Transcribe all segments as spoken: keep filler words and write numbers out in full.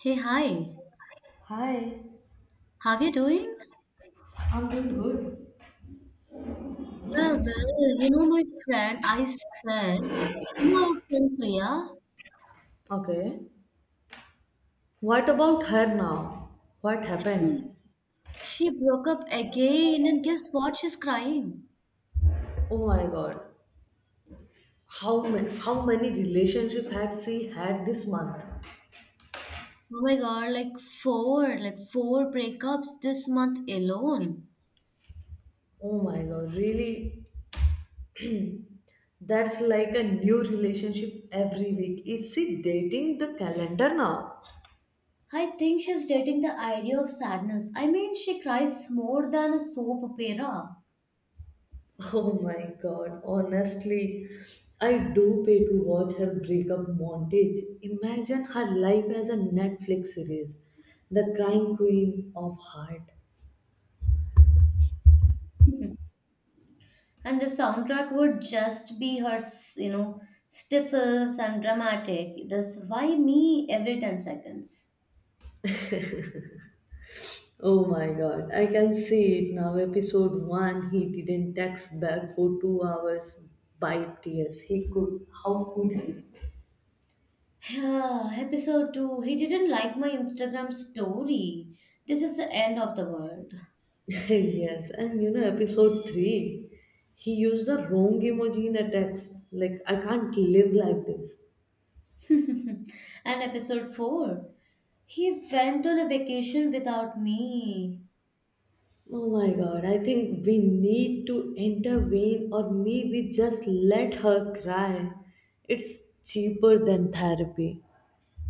Hey, hi. Hi, How you doing? I'm doing good. Yeah, well, you know, my friend, I swear, you know our friend Priya, Okay. What about her now? What she, happened? she broke up again, and guess what? She's crying. Oh my god. How many how many relationships had she had this month? Oh my God, like four, like four breakups this month alone. Oh my god, really? That's like a new relationship every week. Is she dating the calendar now? I think she's dating the idea of sadness. I mean, she cries more than a soap opera. Oh my god, honestly, I do pay to watch her breakup montage. Imagine her life as a Netflix series. The Crying Queen of Heart. And the soundtrack would just be her s- you know stifles and dramatic, this why me every ten seconds. Oh my god, I can see it now. Episode one, he didn't text back for two hours by tears. He could, how could he? Yeah, episode two, he didn't like my Instagram story. This is the end of the world. Yes, and you know, episode three, he used the wrong emoji in a text. Like, I can't live like this. And episode four, he went on a vacation without me. Oh my god, I think we need to intervene or maybe just let her cry. It's cheaper than therapy.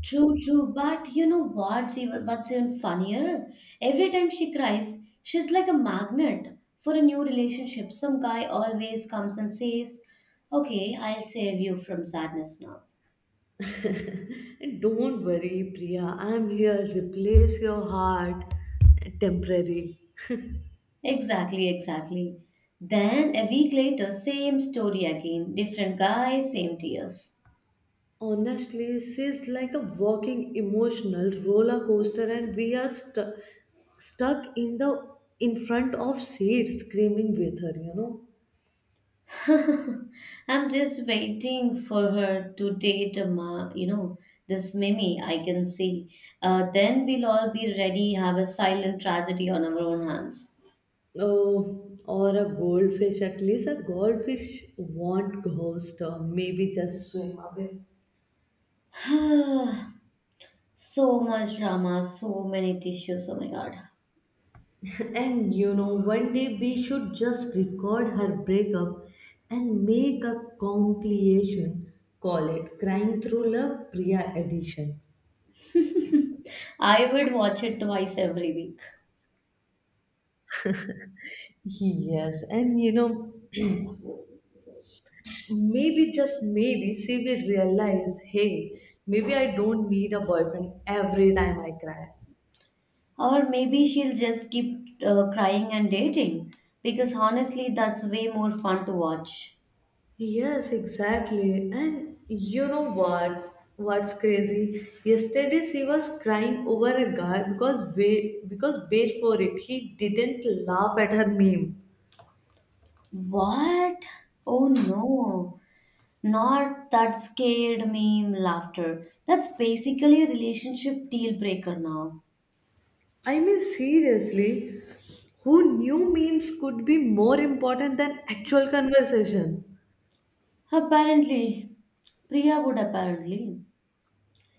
True, true. But you know what's even what's even funnier? Every time she cries, she's like a magnet for a new relationship. Some guy always comes and says, "Okay, I'll save you from sadness now." And don't worry, Priya, I'm here. Replace your heart temporary. Exactly, exactly. Then a week later, same story again. Different guy, same tears. Honestly, she's like a walking emotional roller coaster, and we are stu- stuck in the in front of seat screaming with her, you know. I'm just waiting for her to date a ma, you know, this Mimi, I can see. Uh, then we'll all be ready, have a silent tragedy on our own hands. Oh, or a goldfish. At least a goldfish won't ghost her. Maybe just swim away. So much drama, so many tissues, oh my god. And you know, one day we should just record her breakup and make a compilation. Call it Crying Through Love Priya Edition. I would watch it twice every week. Yes, and you know, maybe just maybe she will realize hey, maybe I don't need a boyfriend every time I cry. Or maybe she'll just keep uh, crying and dating, because honestly, that's way more fun to watch. Yes, exactly. And you know what? What's crazy? Yesterday she was crying over a guy because wait because wait for it. He didn't laugh at her meme. What? Oh no. Not that scared me laughter. That's basically a relationship deal breaker now. I mean seriously, who knew memes could be more important than actual conversation? Apparently, Priya would apparently.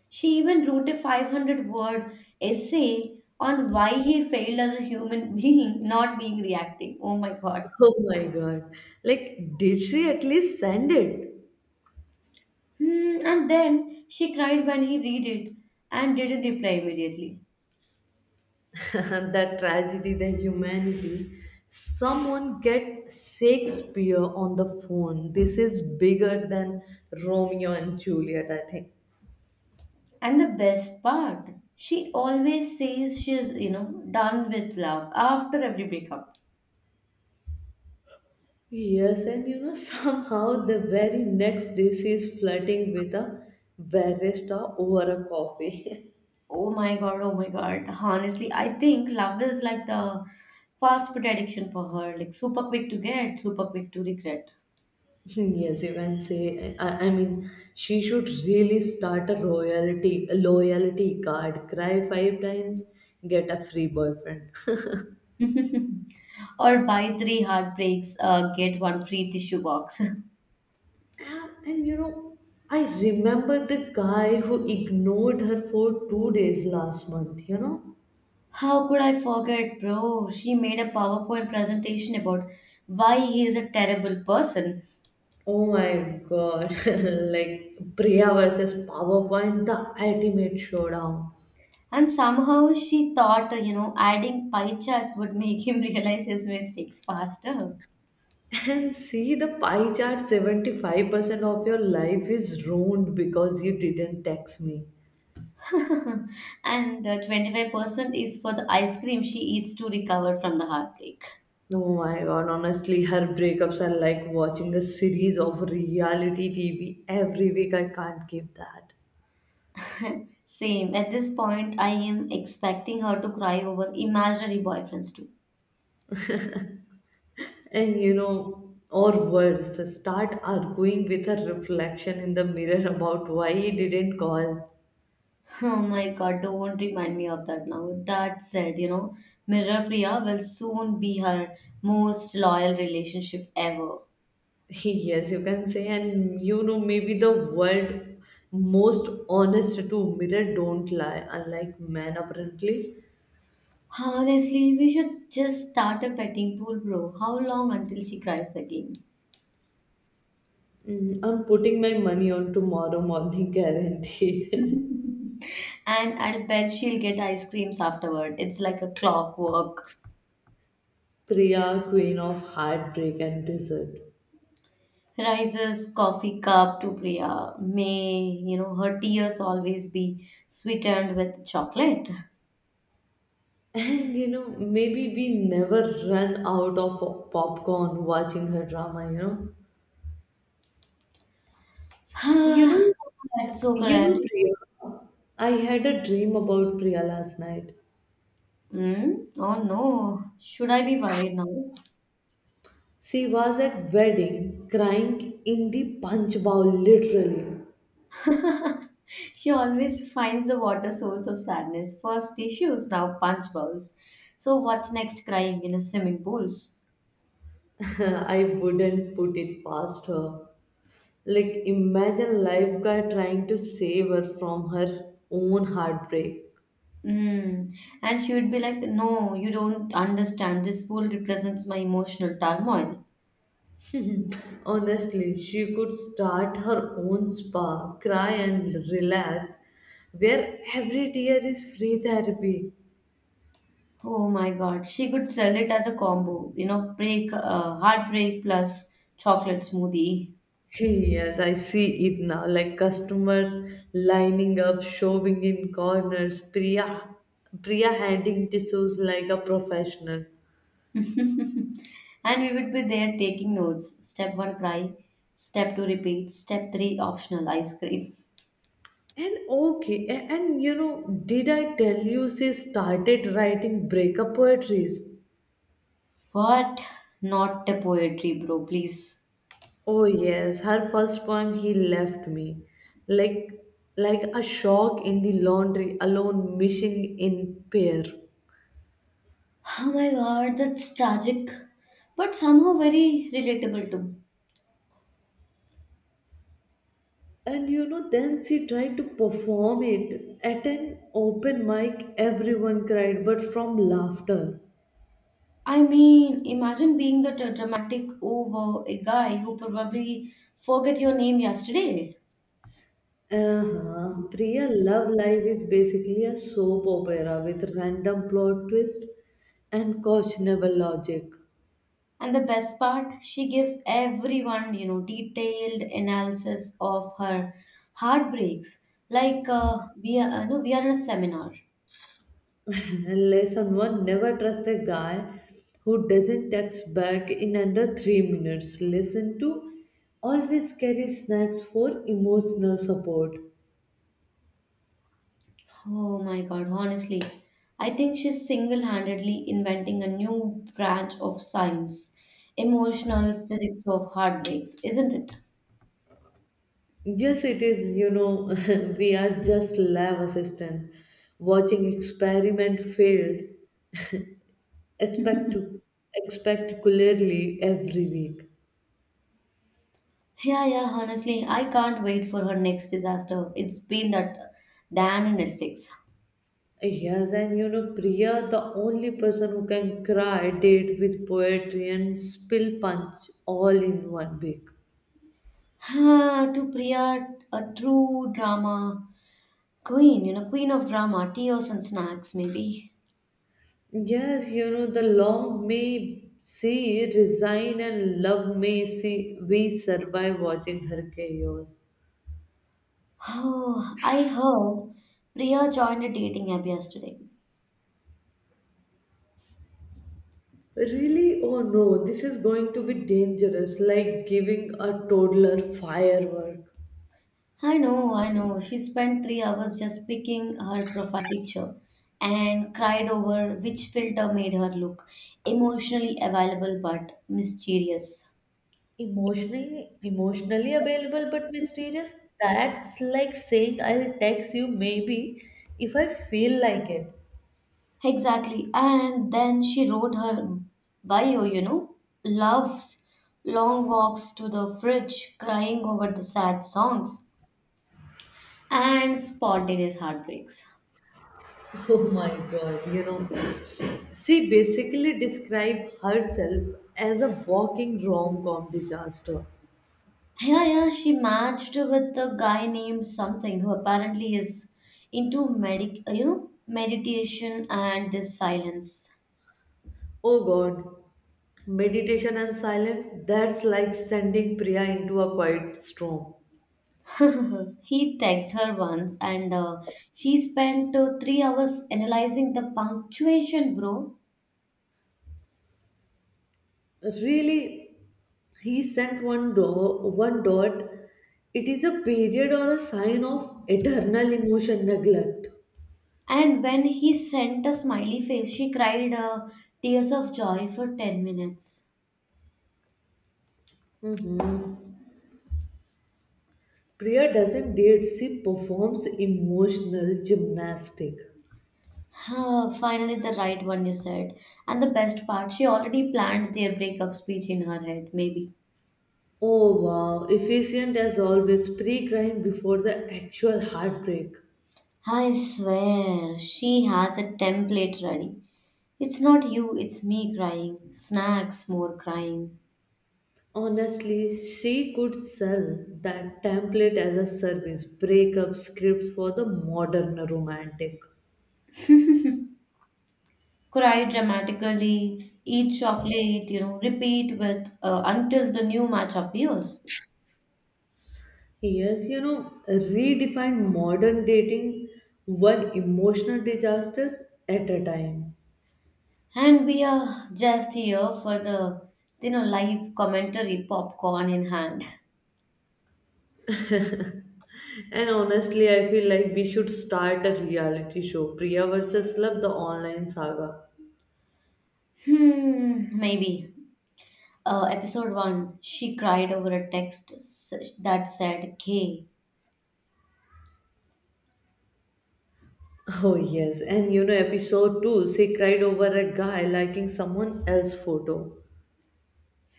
She even wrote a five hundred word essay on why he failed as a human being, not being reacting. Oh my god. Oh my god. Like did she at least send it? Hmm, and then she cried when he read it and didn't reply immediately. The tragedy, the humanity. Someone get Shakespeare on the phone. This is bigger than Romeo and Juliet, I think. And the best part, she always says she's, you know, done with love after every breakup. Yes, and you know, somehow the very next day she's flirting with a barista over a coffee. Oh my god, oh my god. Honestly, I think love is like the fast food addiction for her, like super quick to get, super quick to regret. Yes, you can say. I, I mean, she should really start a royalty a loyalty card. Cry five times, get a free boyfriend. Or buy three heartbreaks, uh, get one free tissue box. And, and you know, I remember the guy who ignored her for two days last month, you know? How could I forget, bro? She made a PowerPoint presentation about why he is a terrible person. Oh my god, like Priya versus PowerPoint, the ultimate showdown. And somehow she thought, uh, you know, adding pie charts would make him realize his mistakes faster. And see the pie chart seventy-five percent of your life is ruined because you didn't text me. And uh, twenty-five percent is for the ice cream she eats to recover from the heartbreak. Oh my god, honestly, her breakups are like watching a series of reality T V every week. I can't keep that. Same. At this point, I am expecting her to cry over imaginary boyfriends too. And you know, or worse, start arguing with her reflection in the mirror about why he didn't call. Oh my god, don't remind me of that now. That said, you know, Mirror Priya will soon be her most loyal relationship ever. Yes, you can say, and you know, maybe the world most honest to mirror don't lie, unlike men apparently. Honestly, we should just start a petting pool, bro. How long until she cries again? Mm, I'm putting my money on tomorrow morning guaranteed. Mm. And I'll bet she'll get ice creams afterward. It's like a clockwork. Priya, queen of heartbreak and dessert. Rises coffee cup to Priya. May, you know, her tears always be sweetened with chocolate. And you know, maybe we never run out of popcorn watching her drama, you know. You So know, correct, so You know, correct. Priya, I had a dream about Priya last night. Mm? Oh no, should I be worried now? She was at wedding crying in the punch bowl, literally. She always finds the water source of sadness. First tissues, now punch bowls. So what's next, crying in a swimming pools? I wouldn't put it past her. Like, imagine lifeguard trying to save her from her own heartbreak. Mm. And she would be like, "No, you don't understand. This pool represents my emotional turmoil." Honestly, she could start her own spa, cry and relax, where every tear is free therapy. Oh my God. She could sell it as a combo, you know, break, uh, heartbreak plus chocolate smoothie. Hey, yes, I see it now. Like customer lining up, shoving in corners, Priya, Priya handing tissues like a professional. And we would be there taking notes. Step one, cry. Step two, repeat. Step three, optional ice cream. And okay, a- and you know, did I tell you she started writing breakup poetries? What? Not the poetry, bro, please. Oh yes, her first poem he left me. Like like a shock in the laundry alone missing in pair. Oh my God, that's tragic, but somehow very relatable too. And you know then she tried to perform it at an open mic, everyone cried but from laughter. I mean, imagine being the dra- dramatic over a guy who probably forget your name yesterday. Uh-huh. Priya love live is basically a soap opera with random plot twist and questionable logic. And the best part, she gives everyone, you know, detailed analysis of her heartbreaks. Like uh, we are, uh, no, we are in a seminar. Lesson one, never trust a guy who doesn't text back in under three minutes. Lesson two, always carry snacks for emotional support. Oh my God, honestly, I think she's single-handedly inventing a new branch of science, emotional physics of heartbreaks, isn't it? Yes, it is. You know, we are just lab assistant watching experiment failed expect spectacularly every week. Yeah, yeah, honestly, I can't wait for her next disaster. It's been that Dan and Netflix. Yes, and you know, Priya, the only person who can cry date with poetry and spill punch all in one week. Ah, to Priya, a true drama queen, you know, queen of drama, tears and snacks, maybe. Yes, you know, the long may see resign and love may see we survive watching her chaos. Oh, I heard Priya joined a dating app yesterday. Really? Oh no, this is going to be dangerous, like giving a toddler firework. I know, I know. She spent three hours just picking her profile picture and cried over which filter made her look emotionally available but mysterious. Emotionally, emotionally available but mysterious. That's like saying I'll text you maybe if I feel like it. Exactly. And then she wrote her bio, you know, loves long walks to the fridge, crying over the sad songs, and spontaneous heartbreaks. Oh my god, you know. She basically described herself as a walking rom com disaster. Yeah, yeah, she matched with a guy named something who apparently is into medic, uh, you know, meditation and this silence. Oh god, meditation and silence, that's like sending Priya into a quiet storm. He texted her once, and uh, she spent uh, three hours analyzing the punctuation, bro. Really, he sent one do- one dot. It is a period or a sign of eternal emotion neglect. And when he sent a smiley face, she cried uh, tears of joy for ten minutes. Mhm. Priya doesn't date, she performs emotional gymnastic. Ah, finally, the right one you said. And the best part, she already planned their breakup speech in her head, maybe. Oh wow, efficient as always, pre-crime before the actual heartbreak. I swear, she has a template ready. It's not you, it's me crying. Snacks, more crying. Honestly, she could sell that template as a service, breakup scripts for the modern romantic. Cry dramatically, eat chocolate, you know, repeat with uh, until the new match appears. Yes, you know, redefine modern dating, one emotional disaster at a time. And we are just here for the, you know, live commentary, popcorn in hand. And honestly, I feel like we should start a reality show, Priya versus Love, the online saga. Hmm, maybe. Uh, episode one, she cried over a text s- that said gay. Oh, yes, and you know, episode two she cried over a guy liking someone else's photo.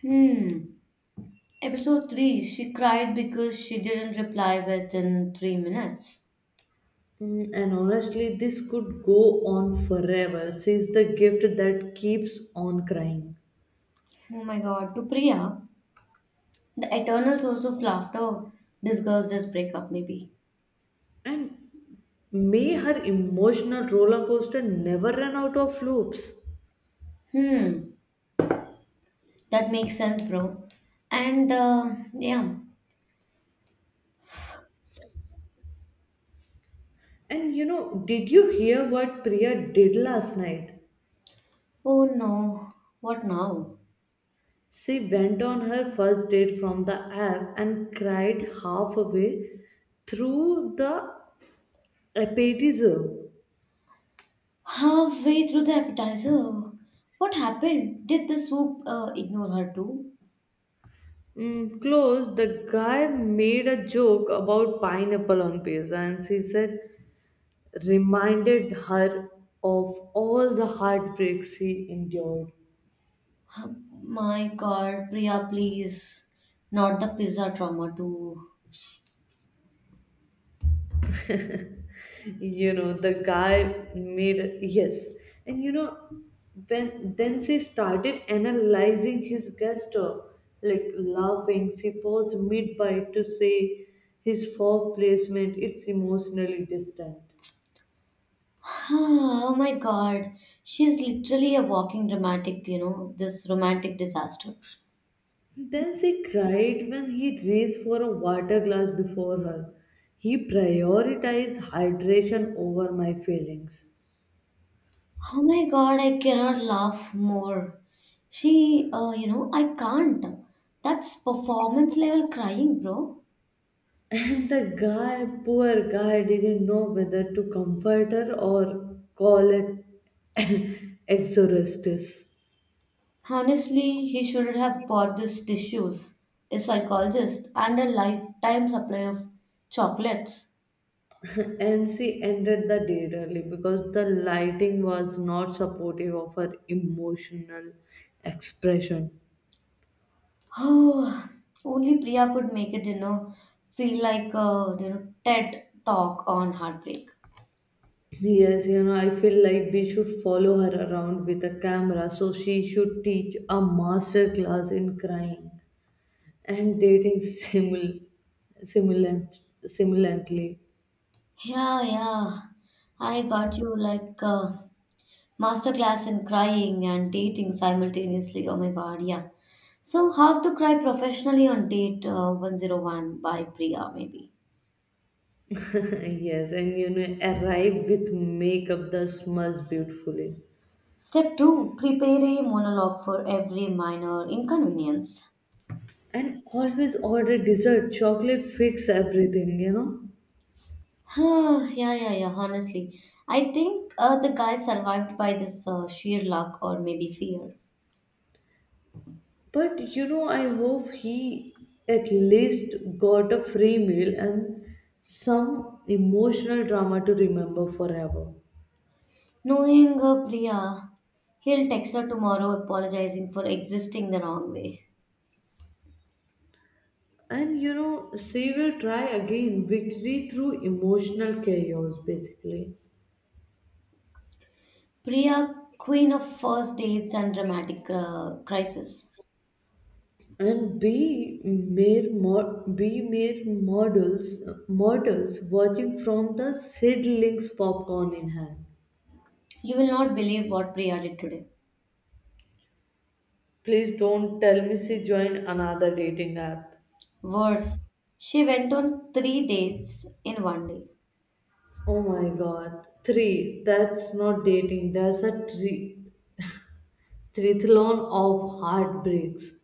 Hmm. Episode three, she cried because she didn't reply within three minutes. Mm, and honestly, this could go on forever since the gift that keeps on crying. Oh my god, to Priya, the eternal source of laughter discussed this breakup, maybe. And may her emotional roller coaster never run out of loops. Hmm, that makes sense, bro. And uh, yeah. And you know, did you hear what Priya did last night? Oh no, what now? She went on her first date from the app and cried halfway through the appetizer. Halfway through the appetizer. What happened? Did the soup uh, ignore her too? Mm, close, the guy made a joke about pineapple on pizza and she said, reminded her of all the heartbreaks she endured. My god, Priya, please. Not the pizza trauma too. You know the guy made yes and you know when then she started analyzing his gesture, like laughing, she paused mid-bite to say his fork placement it's emotionally distant. Oh my god, she's literally a walking dramatic, you know, this romantic disaster. Then she cried when he reached for a water glass before her, he prioritized hydration over my feelings. Oh my god, I cannot laugh more. She, uh, you know, I can't. That's performance level crying, bro. And the guy, poor guy, didn't know whether to comfort her or call it exorcist. Honestly, he should have bought these tissues, a psychologist, and a lifetime supply of chocolates. And she ended the date early because the lighting was not supportive of her emotional expression. Oh, only Priya could make it, you know, feel like a you know TED talk on heartbreak. Yes, you know, I feel like we should follow her around with a camera so she should teach a master class in crying and dating simul- simulant- simulantly. Yeah, yeah, I got you, like a masterclass in crying and dating simultaneously. Oh my God, yeah. So, how to cry professionally on date uh, one oh one by Priya, maybe. Yes, and you know, arrive with makeup that smells beautifully. Step two, prepare a monologue for every minor inconvenience. And always order dessert. Chocolate fix everything, you know. Yeah, yeah, yeah, honestly. I think uh, the guy survived by this uh, sheer luck or maybe fear. But you know, I hope he at least got a free meal and some emotional drama to remember forever. Knowing uh, Priya, he'll text her tomorrow apologizing for existing the wrong way. And you know, she will try again. Victory through emotional chaos, basically. Priya, queen of first dates and dramatic uh, crisis. And be mere mo- be mere models mortals watching from the seedlings popcorn in hand. You will not believe what Priya did today. Please don't tell me she joined another dating app. Worse, she went on three dates in one day. Oh my god. Three. That's not dating. That's a tri- trithlon of heartbreaks.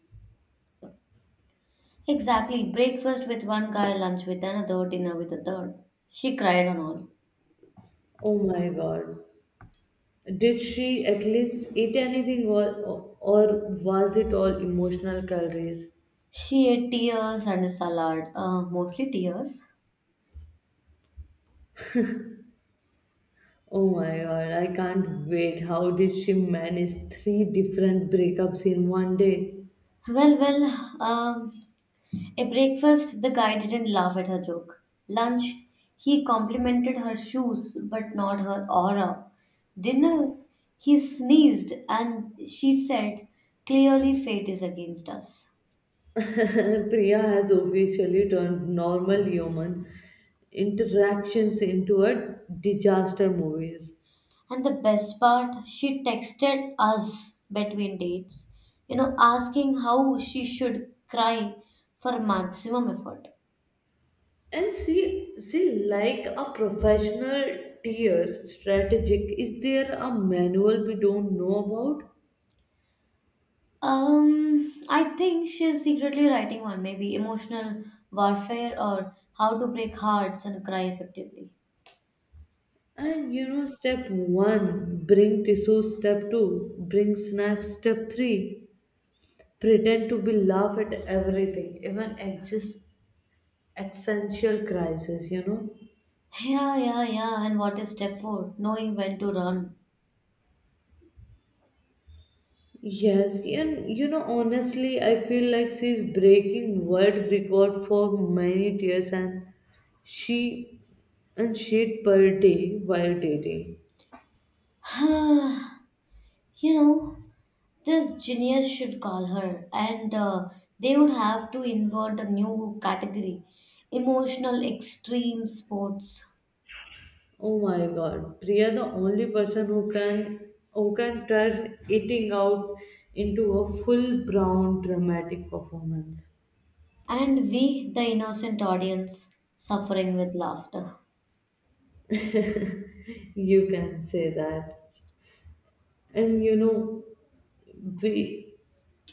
Exactly. Breakfast with one guy, lunch with another, dinner with a third. She cried on all. Oh my god. Did she at least eat anything, or, or was it all emotional calories? She ate tears and a salad, uh, mostly tears. Oh my god, I can't wait. How did she manage three different breakups in one day? Well, well, um, at breakfast, the guy didn't laugh at her joke. Lunch, he complimented her shoes but not her aura. Dinner, he sneezed and she said, "Clearly, fate is against us." Priya has officially turned normal human interactions into a disaster movies. And the best part, she texted us between dates, you know, asking how she should cry for maximum effort. And she, she like a professional tier strategic. Is there a manual we don't know about? Um, I think she's secretly writing one, maybe emotional warfare or how to break hearts and cry effectively. And you know, step one, bring tissue. Step two, bring snacks. Step three, pretend to be laugh at everything even at just existential crisis, you know. Yeah, yeah, yeah. And what is step four? Knowing when to Yes, and you know honestly I feel like she's breaking world record for many tears and she and shade per day while dating. run. You know, this genius should call her, and uh, they would have to invent a new category, emotional extreme sports. Oh my god, Priya, the only person who can who can turn eating out into a full brown dramatic performance. And we, the innocent audience, suffering with laughter. You can say that. And you know we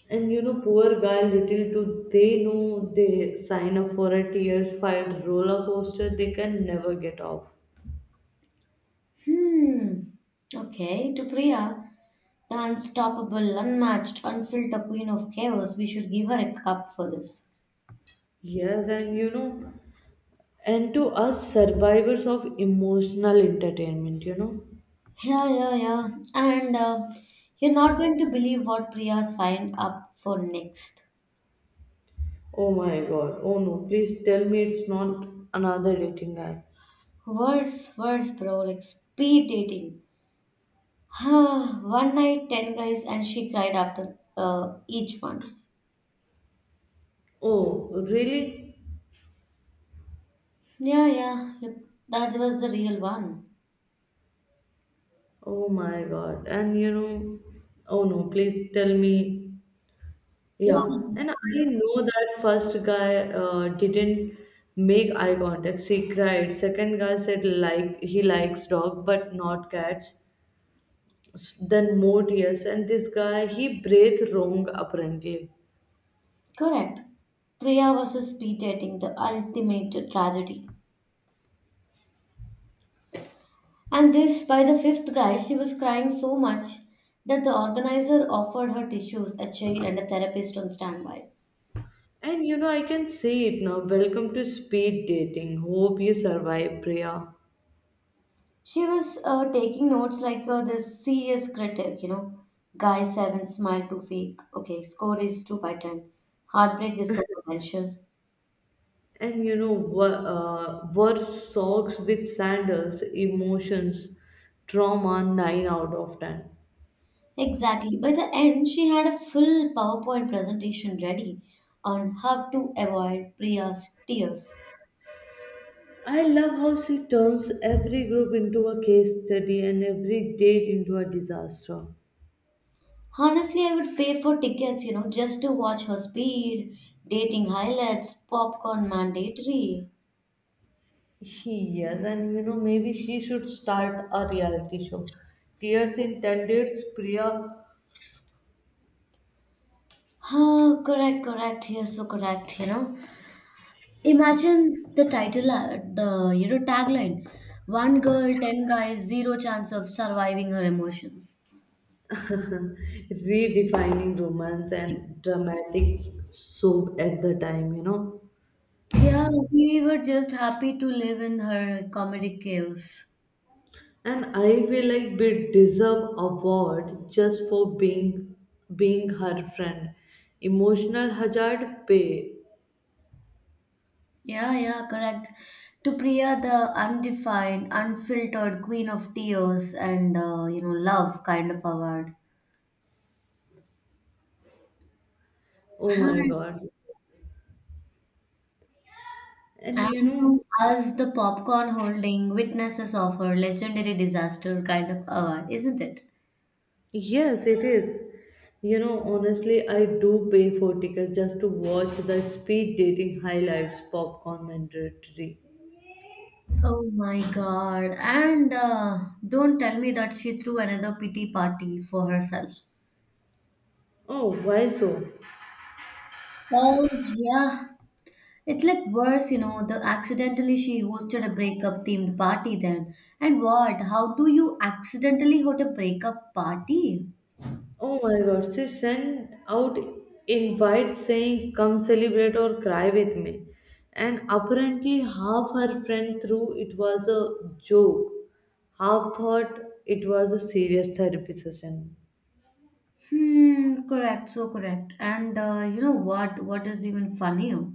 and you know poor guy, little do they know they sign up for a tears fight roller coaster they can never get off. Hmm. Okay, to Priya, the unstoppable, unmatched, unfiltered queen of chaos, we should give her a cup for this. Yes, and you know and to us survivors of emotional entertainment, you know. Yeah, yeah, yeah. And uh, you're not going to believe what Priya signed up for next. Oh my god, oh no, please tell me it's not another dating app. Worse, worse, bro. Like speed dating. One night, ten guys, and she cried after uh, each one. Oh really? Yeah, yeah. you- That was the real one. Oh my god, and you know oh no, please tell me. Yeah, and I Yeah. know that first guy uh, didn't make eye contact. She cried. Second guy said like he likes dog but not cats. S- Then more tears, and this guy he breathed wrong apparently. Correct. Priya versus speed dating, the ultimate tragedy. And this, by the fifth guy, she was crying so much that the organizer offered her tissues, a chair, and a therapist on standby. And you know I can see it now. Welcome to speed dating. Hope you survive, Priya. She was uh, taking notes like uh, this serious critic, you know. Guy seven, smile too fake. Okay, score is two by ten. Heartbreak is so potential. And you know were, uh, were socks with sandals, emotions, trauma nine out of ten. Exactly. By the end, she had a full PowerPoint presentation ready on how to avoid Priya's tears. I love how she turns every group into a case study and every date into a disaster. Honestly, I would pay for tickets, you know, just to watch her speed, dating highlights, popcorn mandatory. Yes, and you know maybe she should start a reality show. Tears in intended, Priya Oh, correct, correct. You're so correct, you know. Imagine the title, uh, the you know tagline, one girl, ten guys, zero chance of surviving her emotions. redefining romance and dramatic soap at the time, you know. Yeah, we were just happy to live in her comedic chaos. And I feel like we deserve award just for being being her friend. Emotional hazard pay. Yeah, yeah, correct. To Priya, the undefined, unfiltered queen of tears and uh, you know love kind of award. Oh my Huh. god. And you And know, to us, the popcorn holding witnesses of her legendary disaster kind of award, isn't it? yes, it is. You know, honestly, I do pay for tickets just to watch the speed dating highlights pop commentary. Oh my God. And uh, don't tell me that she threw another pity party for herself. Oh, why so? Oh, yeah. It's like worse, you know, the accidentally she hosted a breakup themed party then. And what? How do you accidentally host a breakup party? Oh my god, she sent out invites saying come celebrate or cry with me. And apparently half her friend threw it was a joke. Half thought it was a serious therapy session. Hmm, correct, so correct. And uh, you know what? What is even funnier?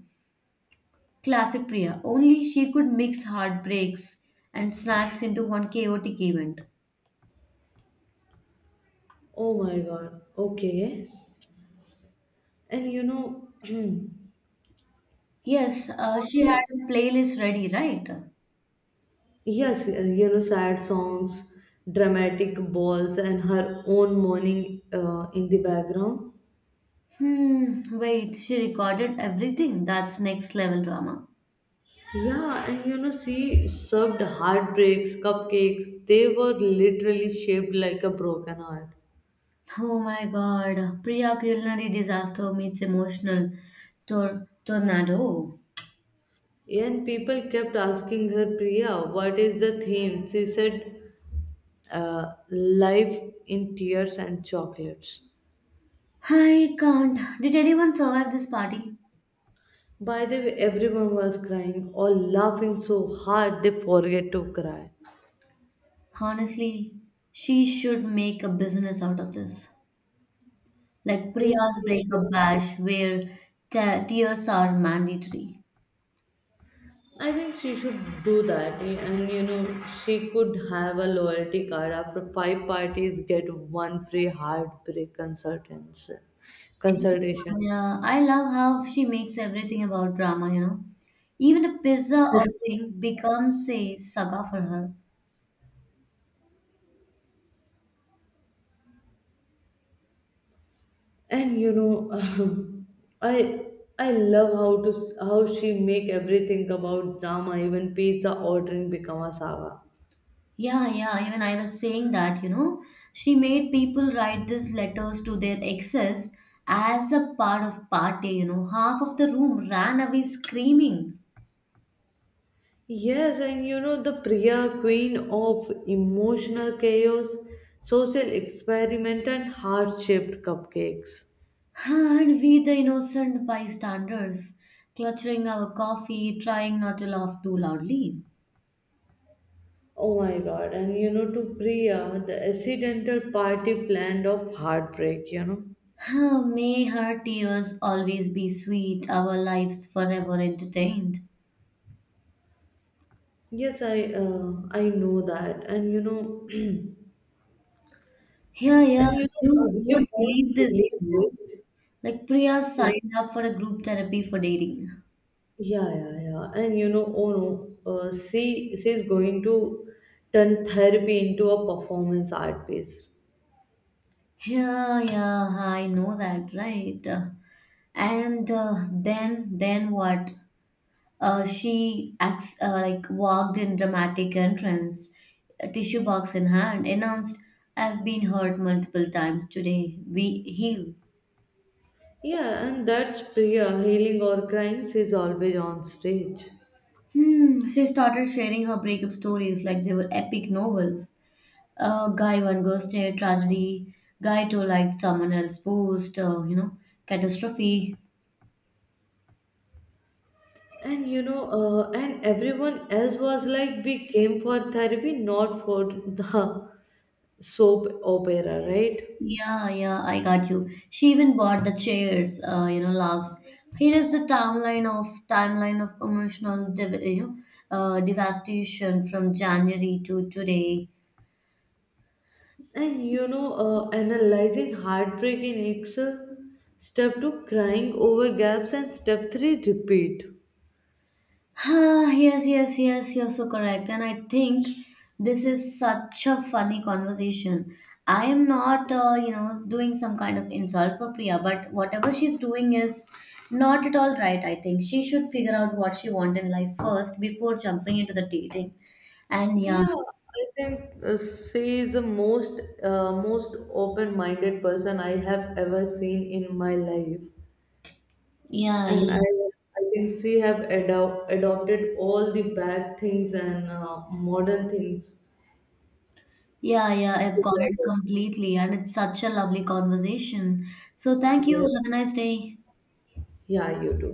Classic Priya. Only she could mix heartbreaks and snacks into one chaotic event. Oh my god. Okay. And you know Yes, uh, she had only a playlist ready, right? yes, uh, you know, sad songs, dramatic balls, and her own mourning uh, in the background. Hmm, wait, she recorded everything. That's next level drama. Yeah, and you know, she served heartbreaks, cupcakes. They were literally shaped like a broken heart. Oh my God, Priya culinary disaster meets emotional tor- tornado. And people kept asking her, Priya, what is the theme? She said, uh, Life in Tears and Chocolates. I can't. Did anyone survive this party? By the way, everyone was crying or laughing so hard they forget to cry. Honestly, she should make a business out of this. Like Yes, Priya's she breakup should. bash, where te- tears are mandatory. I think she should do that, y- and you know, she could have a loyalty card. After five parties, get one free heartbreak consultants consultation. Yeah, I love how she makes everything about drama, you know. Even a pizza ordering becomes a saga for her. And you know, I I love how to s- how she make everything about drama, even pizza ordering become a saga. Yeah, yeah, even I was saying that, you know. She made people write these letters to their exes as a part of party, you know. Half of the room ran away screaming. Yes, and you know, the Priya, queen of emotional chaos, social experiment, and heart shaped cupcakes. And we, the innocent bystanders, clutching our coffee, trying not to laugh too loudly. Oh my god, and you know, to Priya, the accidental party planned of heartbreak, you know. May her tears always be sweet, our lives forever entertained. Yes, I uh, I know that, and you know, Yeah, yeah, and you you know, uh, you won't won't believe this. believe You know? this. Like Priya Yeah, signed up for a group therapy for dating. yeah, yeah, yeah, and you know, oh no, uh, she she's going to turn therapy into a performance art piece. Yeah, yeah, I know that, right? Uh, And uh, then, then what? Uh, she acts, uh, like walked in dramatic entrance, a tissue box in hand, announced, "I've been hurt multiple times today. We heal." Yeah, and that's Priya, healing or crying. She's always on stage. Hmm, she started sharing her breakup stories like they were epic novels. Uh, guy one ghosted, tragedy. Guy two liked someone else, post, uh, you know, catastrophe. And you know uh, and everyone else was like we came for therapy not for the soap opera, right? Yeah, yeah, I got you. She even bought the chairs, uh, you know, laughs. Here is the timeline of timeline of emotional, div- you know, uh, devastation from January to today. And you know uh, analyzing heartbreak in excel, step two crying over gaps and step three repeat. Ah, yes, yes, yes, you're so correct. And I think this is such a funny conversation. I am not, uh, you know, doing some kind of insult for Priya, but whatever she's doing is not at all right, I think. She should figure out what she wants in life first before jumping into the dating. And yeah, Yeah, I think uh, she is the most uh, most open minded person I have ever seen in my life. yeah, And I yeah. I think she have ado- adopted all the bad things and uh, modern things Yeah, yeah, I've to got go it with. completely, and it's such a lovely conversation. So, thank you. Yes, Have a nice day. yeah, you do.